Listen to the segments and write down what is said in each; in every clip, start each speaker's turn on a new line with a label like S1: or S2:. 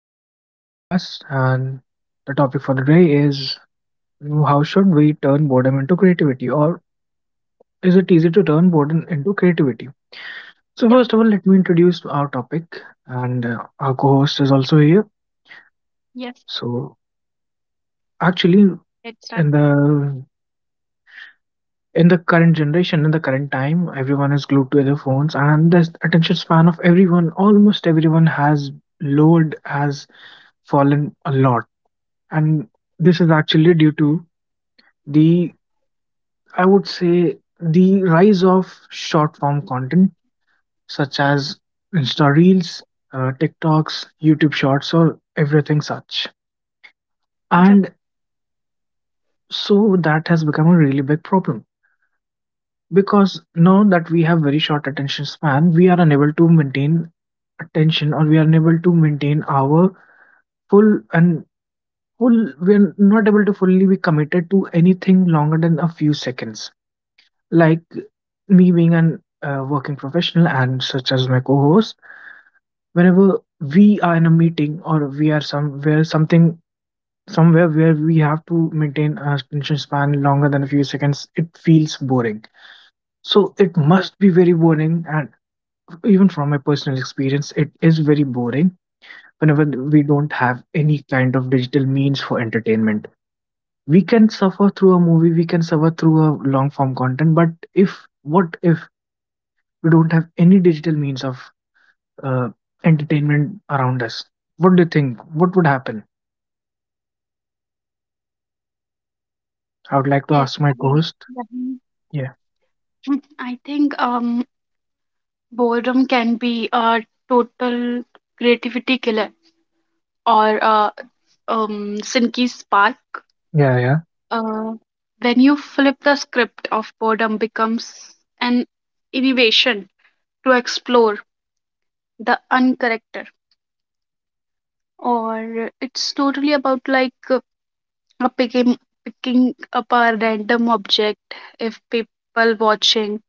S1: welcome to our podcast. And the topic for the day is how should we turn boredom into creativity, or is it easy to turn boredom into creativity? So, first of all,
S2: Yep.
S1: let me introduce our topic, and our co-host is also here.
S2: Yes.
S1: So, actually,
S2: Let's
S1: in
S2: start.
S1: the in the current generation, in the current time, everyone is glued to their phones, and the attention span of everyone, almost everyone, has lowered has fallen a lot, and this is actually due to the I would say the rise of short form content such as Insta Reels, TikToks, YouTube Shorts, or everything such.
S2: Yep.
S1: And so that has become a really big problem because now that we have very short attention span, we are unable to maintain attention or we are unable to maintain our full and full, we are not able to fully be committed to anything longer than a few seconds. Like, me being an working professional, and such as my co-host, whenever we are in a meeting, or we are somewhere where we have to maintain a attention span longer than a few seconds, it feels boring. So it must be very boring, and even from my personal experience, it is very boring whenever we don't have any kind of digital means for entertainment. We can suffer through a movie, we can suffer through a long form content, but if what if we don't have any digital means of uh, entertainment around us? What do you think, what would happen? I would like to
S2: Yes.
S1: ask
S2: I
S1: my co-host.
S2: yep.
S1: Yeah.
S2: I think boredom can be a total creativity killer, or a um sinky spark.
S1: Yeah, yeah.
S2: Uh, when you flip the script of boredom, becomes an innovation to explore the uncorrected, or it's totally about like picking picking up a random object, if people watching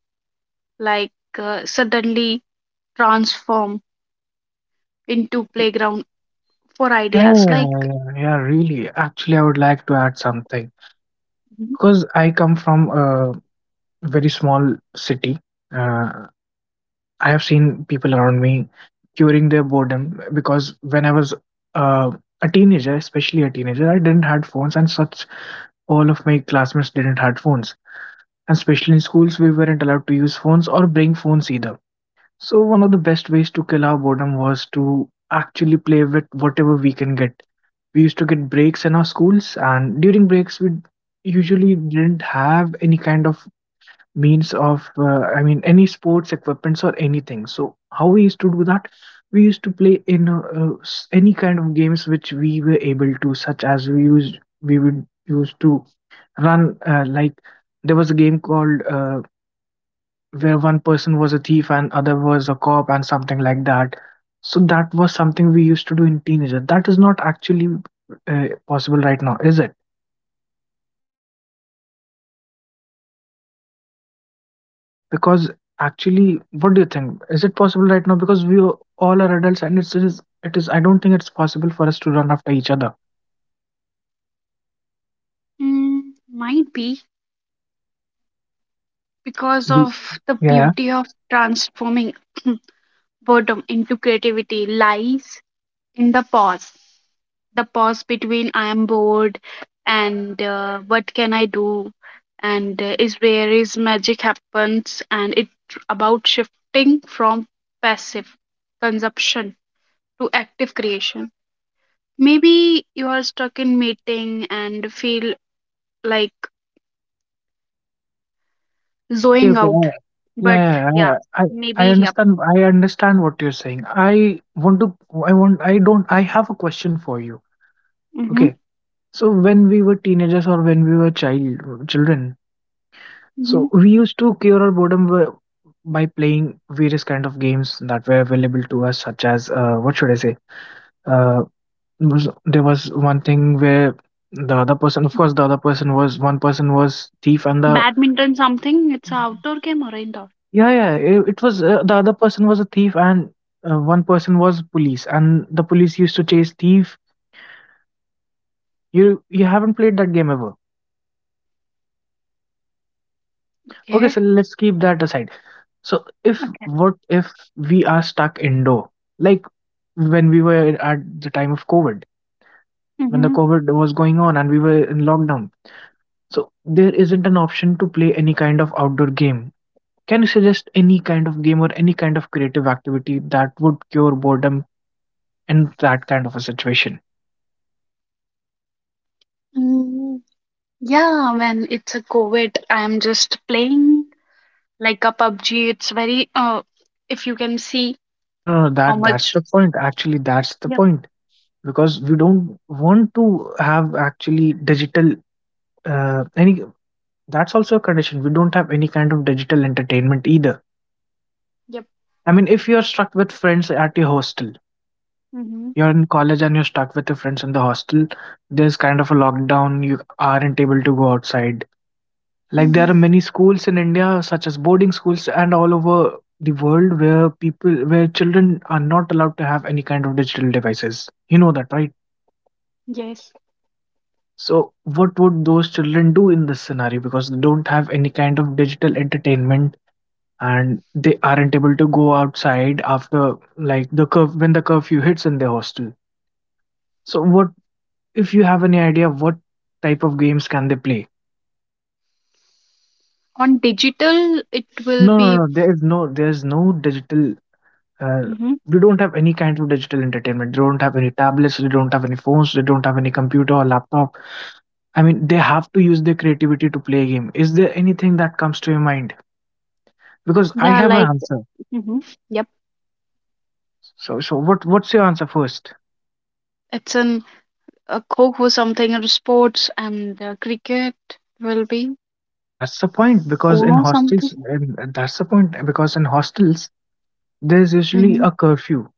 S2: like suddenly transform into playground for
S1: Yeah, yeah,
S2: ideas,
S1: yeah,
S2: like.
S1: yeah, yeah, really. Actually, I would like to add something
S2: Mhm.
S1: because I come from a very small city. Uh, I have seen people around me curing their boredom because when I was uh, a teenager, especially a teenager, I didn't had phones, and such all of my classmates didn't had phones. Especially in schools, we weren't allowed to use phones or bring phones either. So, one of the best ways to kill our boredom was to actually play with whatever we can get. We used to get breaks in our schools, and during breaks, we usually didn't have any kind of means of, I mean, any sports equipments or anything. So, how we used to do that? We used to play in any kind of games which we were able to, such as we would used to run like there was a game called where one person was a thief and other was a cop and something like that. So that was something we used to do in teenager. That is not actually possible right now, is it? Because actually, what do you think? Is it possible right now? Because we all are adults, and it is. It is. I don't think it's possible for us to run after each other.
S2: mm, might be
S1: I mean,
S2: because
S1: we.
S2: of the
S1: Yeah, yeah.
S2: beauty of transforming boredom into creativity lies in the pause, the pause between I am bored and what can I do, and is where is magic happens, and it about shifting from passive consumption to active creation. Maybe you are stuck in meeting and feel like
S1: Okay.
S2: zoning
S1: Okay.
S2: out.
S1: Yeah.
S2: But
S1: Yeah, yeah, yeah,
S2: yeah,
S1: yeah. I
S2: maybe,
S1: I
S2: yep.
S1: understand. I understand what you're saying. I want to. I want. I don't. I have a question for you.
S2: Mm-hmm.
S1: Okay. So when we were teenagers or when we were children,
S2: Mm-hmm.
S1: so we used to cure our boredom by playing various kind of games that were available to us, such as what should I say? Uh, there was one thing where the other person, of course, the other person was thief and the.
S2: Badminton something. It's a outdoor game or indoor?
S1: Yeah, yeah. It was the other person was a thief, and one person was police, and the police used to chase thief. You haven't played that game ever? Okay,
S2: Okay.
S1: so let's keep that aside. So if
S2: Okay.
S1: what if we are stuck indoor, like when we were at the time of COVID, when the
S2: Mm-hmm.
S1: COVID was going on and we were in lockdown. So there isn't an option to play any kind of outdoor game. Can you suggest any kind of game or any kind of creative activity that would cure boredom in that kind of a situation?
S2: Mm, yeah, when it's a COVID, I'm just playing like a PUBG. It's very if you can see
S1: No, no, no,
S2: how
S1: that's
S2: much.
S1: the point. Actually, that's the
S2: Yep.
S1: point because we don't want to have actually digital, any. That's also a condition. We don't have any kind of digital entertainment either.
S2: Yep.
S1: I mean, if you're stuck with friends at your hostel,
S2: Mm-hmm.
S1: you're in college and you're stuck with your friends in the hostel, there's kind of a lockdown, you aren't able to go outside. Like, there
S2: Mm-hmm.
S1: are many schools in India, such as boarding schools, and all over the world where people, where children are not allowed to have any kind of digital devices. You know that, right?
S2: Yes.
S1: So, what would those children do in this scenario? Because they don't have any kind of digital entertainment and they aren't able to go outside after like the curf when the curfew hits in their hostel. So what, if you have any idea, what type of games can they play?
S2: On digital, it will
S1: No, no,
S2: be.
S1: no. There is no digital. Uh,
S2: Mm-hmm.
S1: we don't have any kind of digital entertainment. They don't have any tablets. They don't have any phones. They don't have any computer or laptop. I mean, they have to use their creativity to play a game. Is there anything that comes to your mind? Because I
S2: Yeah,
S1: have an
S2: like.
S1: answer.
S2: Mm-hmm. Yep.
S1: So, what? What's your answer first?
S2: It's an kho kho something, or sports and cricket will be,
S1: That's the point because in
S2: uno
S1: hostels,
S2: something.
S1: and that's the point because in hostels, there's usually
S2: Mm-hmm.
S1: a curfew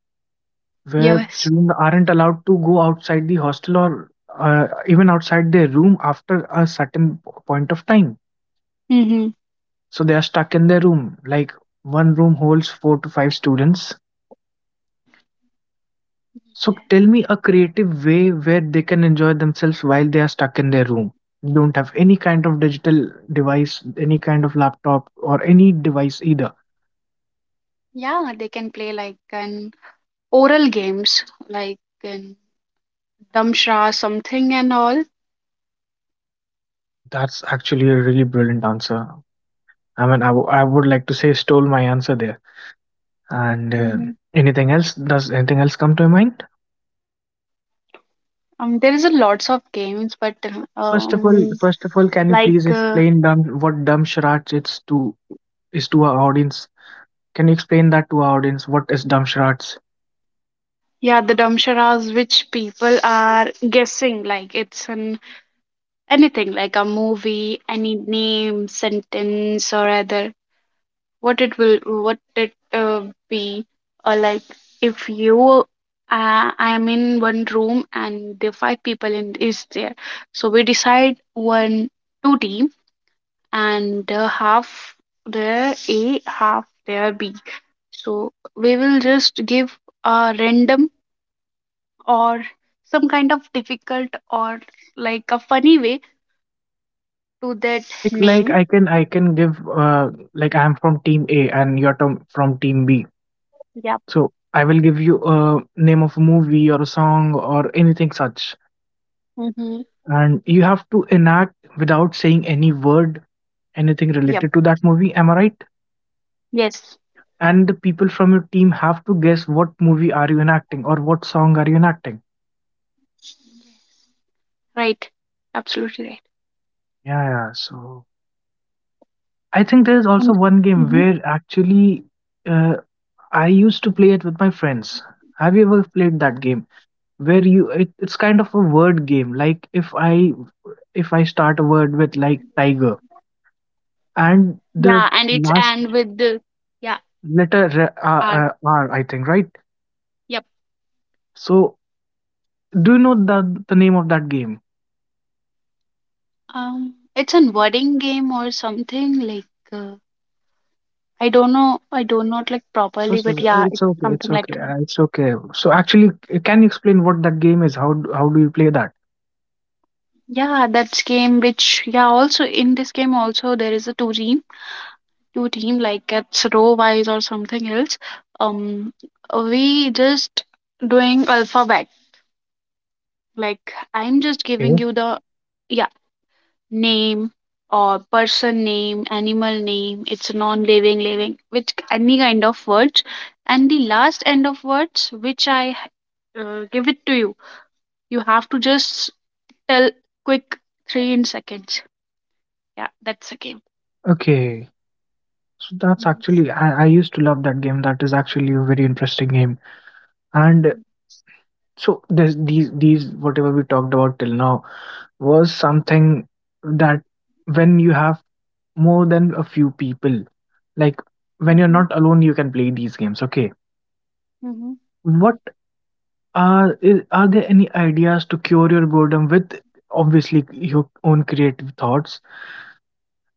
S1: where
S2: Yes.
S1: children aren't allowed to go outside the hostel or even outside their room after a certain point of time.
S2: Mm-hmm.
S1: So they are stuck in their room. Like, one room holds four to five students. So tell me a creative way where they can enjoy themselves while they are stuck in their room. They don't have any kind of digital device, any kind of laptop, or any device either.
S2: Yeah, they can play like an oral games, like an damshra something and all.
S1: That's actually a really brilliant answer. I mean, I would like to say stole my answer there. And
S2: Mhm.
S1: anything else? Does anything else come to your mind?
S2: There is a lots of games, but
S1: Well,
S2: um,
S1: first of all, can you
S2: like
S1: please explain what dumb charades it's to is to our audience? Can you explain that to our audience? What is dumb charades?
S2: yeah, the damsharas which people are guessing, like it's an anything like a movie, any name, sentence or other, what it be, or like if you I am in one room and the five people in is there, so we decide one two team, and half their a half their b, so we will just give a random or some kind of difficult or like a funny way to that
S1: So like
S2: name.
S1: I can give like I'm from team A and you're from team B.
S2: Yep.
S1: So I will give you a name of a movie or a song or anything such,
S2: Mm-hmm.
S1: and you have to enact without saying any word anything
S2: Yep.
S1: related to that movie, am I right?
S2: Yes.
S1: And the people from your team have to guess what movie are you enacting or what song are you enacting.
S2: Right. Absolutely right.
S1: Yeah, yeah. So I think there is also
S2: And
S1: one game
S2: Mhm.
S1: where actually uh, I used to play it with my friends. Have you ever played that game where it's kind of a word game? Like, if I start a word with like tiger, and
S2: Yeah,
S1: the
S2: and it's,
S1: last
S2: and with the, yeah,
S1: letter
S2: art.
S1: r, I think, right?
S2: Yep.
S1: So, do you know the name of that game?
S2: It's an wording game or something like uh, I don't know. I do not like
S1: So,
S2: properly,
S1: so
S2: but
S1: so,
S2: yeah,
S1: it's
S2: it's
S1: okay, it's
S2: something
S1: okay,
S2: like
S1: it's okay. So actually, can you explain what that game is? How how do you play that?
S2: yeah. That's game which, yeah. Also in this game also there is a two team, like it's row wise or something else. Um, we just doing alphabet. Like I'm just giving
S1: Okay,
S2: you the name or person name, animal name, it's non living, living, with any kind of words. And the last end of words, which I give it to you, you have to just tell quick three in seconds. Yeah, that's a game.
S1: okay. So that's
S2: Mm-hmm.
S1: actually, I used to love that game. That is actually a very interesting game. And so there's these whatever we talked about till now was something that when you have more than a few people, like when you're not alone, you can play these games. Okay,
S2: Mm-hmm.
S1: what are there any ideas to cure your boredom with, obviously, your own creative thoughts?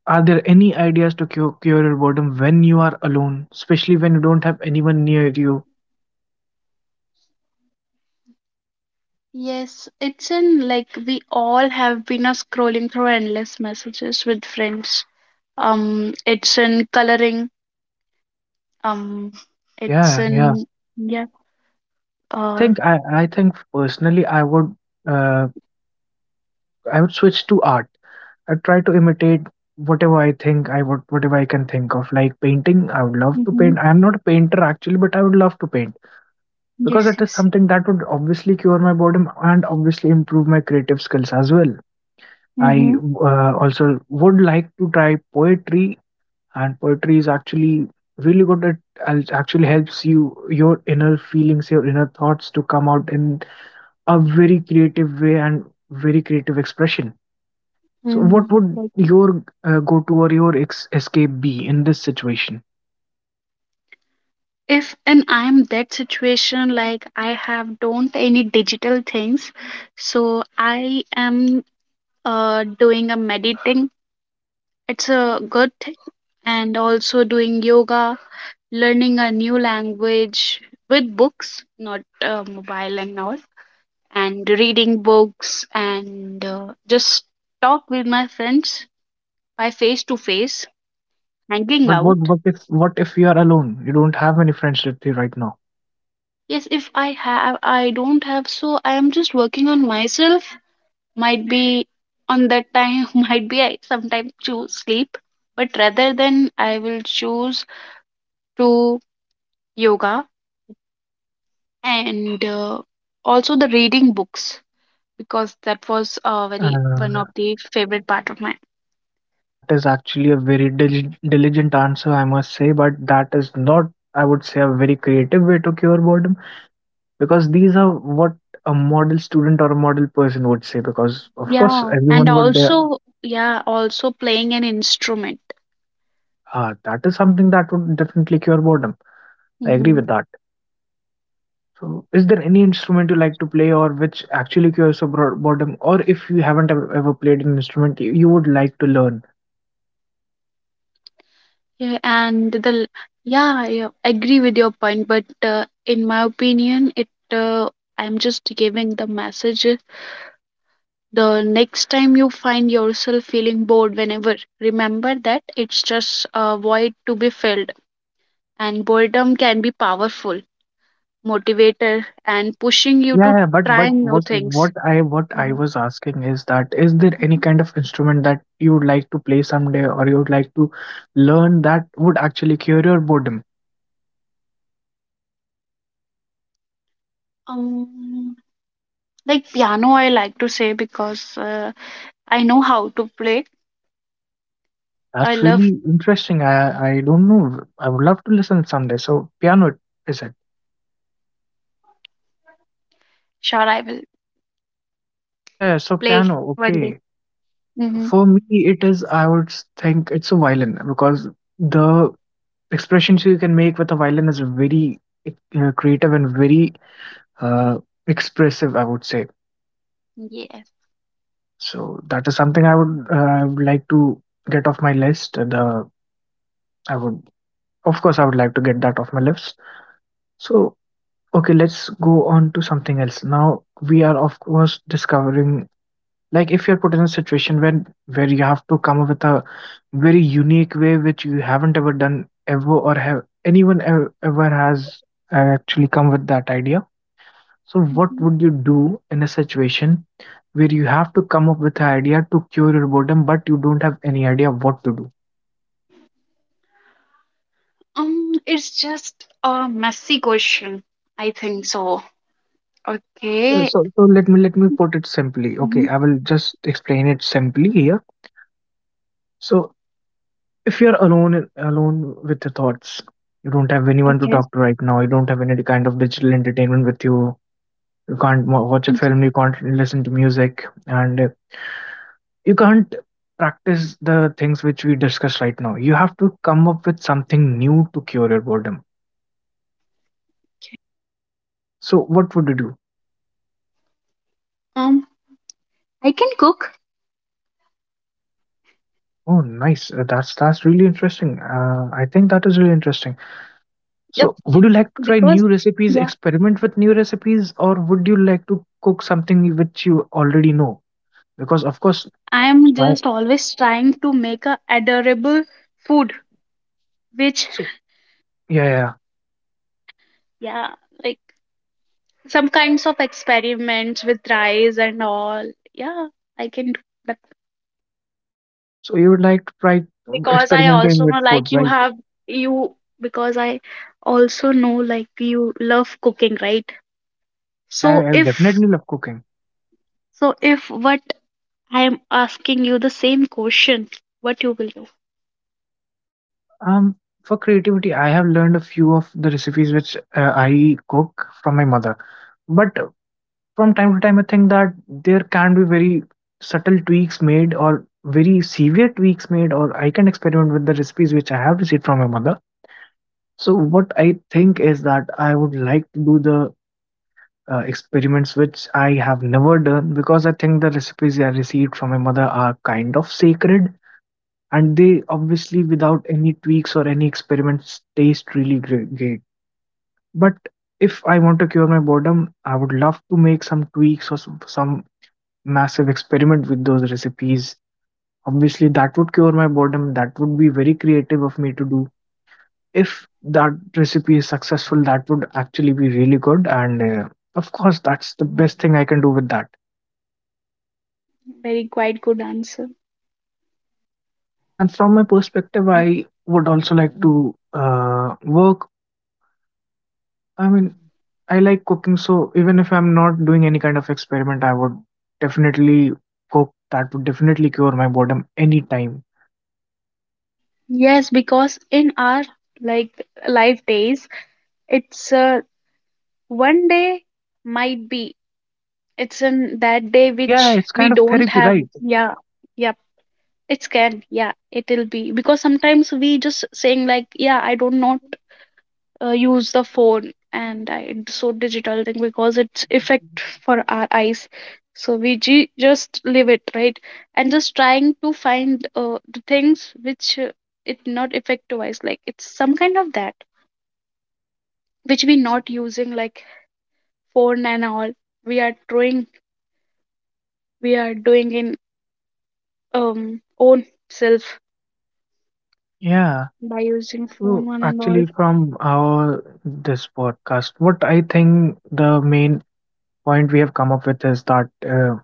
S1: Are there any ideas to cure your boredom when you are alone, especially when you don't have anyone near you?
S2: Yes, it's in like we all have been scrolling through endless messages with friends. It's in coloring. Um, it's
S1: Yeah, yeah.
S2: in, yeah. Uh,
S1: I think personally I would, uh, I would switch to art. I try to imitate whatever I can think of, like painting. I would love to paint. I'm not a painter actually, but I would love to paint because
S2: Yes,
S1: it is
S2: yes.
S1: something that would obviously cure my boredom and obviously improve my creative skills as well.
S2: Mm-hmm.
S1: I also would like to try poetry, and poetry is actually really good. It actually helps you your inner feelings, your inner thoughts to come out in a very creative way and very creative expression. So,
S2: Mm,
S1: what would
S2: like
S1: your go-to or your escape be in this situation?
S2: if and I'm that situation, like I have don't any digital things, so I am doing a meditating. It's a good thing, and also doing yoga, learning a new language with books, not mobile and all, and reading books and just talk with my friends by face to face, hanging
S1: But
S2: out.
S1: what if you are alone? You don't have any friends with you right now.
S2: Yes, if I have, I don't have, so I am just working on myself. Might be on that time, might be I sometimes choose sleep, but rather than I will choose to yoga and also the reading books, because that was very one
S1: Uh,
S2: of the favorite part of mine.
S1: That is actually a very diligent answer, I must say, but that is not, I would say, a very creative way to cure boredom because these are what a model student or a model person would say. Because, of course,
S2: Yeah, and
S1: everyone would,
S2: also, yeah, also playing an instrument.
S1: that is something that would definitely cure boredom. I agree with that. So, is there any instrument you like to play or which actually cures your boredom? Or if you haven't ever played an instrument you would like to learn?
S2: Yeah, and the yeah, I agree with your point, but in my opinion, it I'm just giving the message. The next time you find yourself feeling bored, whenever, remember that it's just a void to be filled, and boredom can be powerful motivator and pushing you to
S1: Yeah, yeah, but but
S2: try new
S1: what what
S2: things.
S1: I what I
S2: Mhm.
S1: was asking is that is there any
S2: Mhm.
S1: kind of instrument that you would like to play someday or you would like to learn that would actually cure your boredom?
S2: Um, like piano, I like to say, because I know how to play. I
S1: That's
S2: love.
S1: really interesting. I don't know. I would love to listen someday. So piano, is it?
S2: Sure, I will
S1: Yeah, yeah, so
S2: play
S1: piano.
S2: one day.
S1: Okay.
S2: Mm-hmm.
S1: For me, it is. I would think it's a violin because the expressions you can make with a violin is very creative and very uh, expressive, I would say.
S2: Yes.
S1: So that is something I would like to get off my list. The I would of course I would like to get that off my list. So okay, let's go on to something else. Now we are of course discovering, like if you're put in a situation when where you have to come up with a very unique way which you haven't ever done ever, or have anyone ever, ever has actually come with that idea. So, what would you do in a situation where you have to come up with an idea to cure your boredom, but you don't have any idea what to do?
S2: It's just a messy question. I think so.
S1: So,
S2: Okay.
S1: so, so let me put it simply.
S2: Mm-hmm.
S1: Okay, I will just explain it simply here. So, if you're alone with your thoughts, you don't have anyone to
S2: Okay.
S1: talk to right now. You don't have any kind of digital entertainment with you. You can't watch a
S2: Mm,
S1: film. You can't listen to music, and you can't practice the things which we discussed right now. You have to come up with something new to cure your boredom. So what would you do?
S2: Um, I can cook.
S1: Oh, nice. That's really interesting. I think that is really interesting.
S2: Yep.
S1: So would you like to try
S2: Because,
S1: new recipes,
S2: yeah,
S1: experiment with new recipes, or would you like to cook something which you already know? Because of course,
S2: I am
S1: right?
S2: just always trying to make a adorable food, which,
S1: So yeah, yeah, yeah.
S2: yeah, like some kinds of experiments with rice and all. Yeah, I can do that,
S1: So you would like to try
S2: because I
S1: experimenting
S2: also
S1: with
S2: know,
S1: food,
S2: like you
S1: right?
S2: have you because I also know like you love cooking, right?
S1: Yeah,
S2: So
S1: I
S2: if
S1: definitely love cooking.
S2: so if what I am asking you the same question, what you will do?
S1: Um, for creativity, I have learned a few of the recipes which I cook from my mother. But from time to time, I think that there can be very subtle tweaks made or very severe tweaks made, or I can experiment with the recipes which I have received from my mother. So, what I think is that I would like to do the experiments which I have never done, because I think the recipes I received from my mother are kind of sacred, and they obviously, without any tweaks or any experiments, taste really great. But if I want to cure my boredom, I would love to make some tweaks or some massive experiment with those recipes. Obviously that would cure my boredom. That would be very creative of me to do. If that recipe is successful, that would actually be really good, and of course, that's the best thing I can do with that.
S2: Very quite good answer.
S1: And from my perspective, I would also like to work, I mean, I like cooking, so even if I'm not doing any kind of experiment, I would definitely cook. That would definitely cure my boredom anytime.
S2: Yes, because in our like life days, it's one day might be it's in that
S1: It,
S2: day
S1: yeah,
S2: which
S1: it's
S2: we
S1: kind of
S2: don't
S1: therapy,
S2: have.
S1: right?
S2: Yeah, yep. It's can, yeah, it'll be, because sometimes we just saying like, yeah, I don't know, use the phone so digital thing, because it's effect for our eyes, so we just leave it, right, and just trying to find the things which it not affect to us, like it's some kind of that which we not using like phone and all, we are doing we are doing in own self
S1: Yeah.
S2: by using
S1: So
S2: phone one and
S1: actually,
S2: all.
S1: from our this podcast, what I think the main point we have come up with is that uh,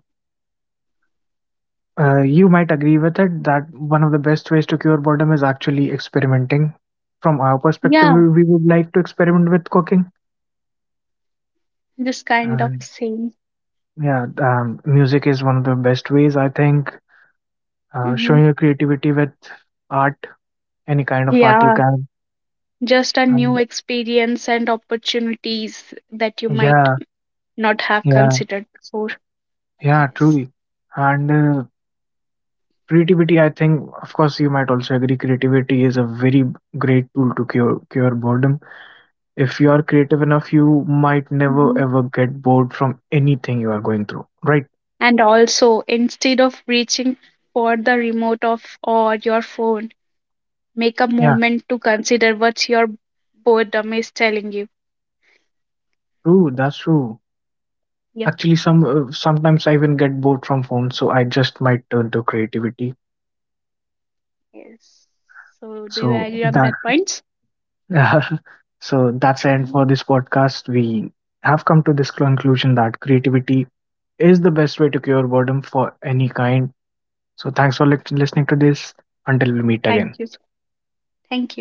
S1: uh, you might agree with it that one of the best ways to cure boredom is actually experimenting. From our perspective,
S2: Yeah,
S1: we would like to experiment with cooking,
S2: this kind of
S1: and
S2: thing.
S1: yeah, music is one of the best ways, I think.
S2: Mm-hmm.
S1: Showing your creativity with art, any kind of art you
S2: Yeah,
S1: can.
S2: just a
S1: And
S2: new experience and opportunities that you might
S1: yeah,
S2: not have
S1: yeah,
S2: considered before.
S1: yeah,
S2: Yes.
S1: truly. And creativity, I think, of course, you might also agree, creativity is a very great tool to cure boredom. If you are creative enough, you might never
S2: Mhm.
S1: ever get bored from anything you are going through, right?
S2: And also, instead of reaching for the remote of or your phone, make a
S1: Yeah,
S2: moment to consider what your boredom is telling you.
S1: true, that's true.
S2: Yep.
S1: Actually, sometimes I even get bored from phones, so I just might turn to creativity.
S2: Yes. So, do you agree
S1: So
S2: on that
S1: that
S2: point?
S1: so that's the end for this podcast. We have come to this conclusion that creativity is the best way to cure boredom for any kind. So thanks for listening to this. Until we meet
S2: Thank you.
S1: again.
S2: Thank you.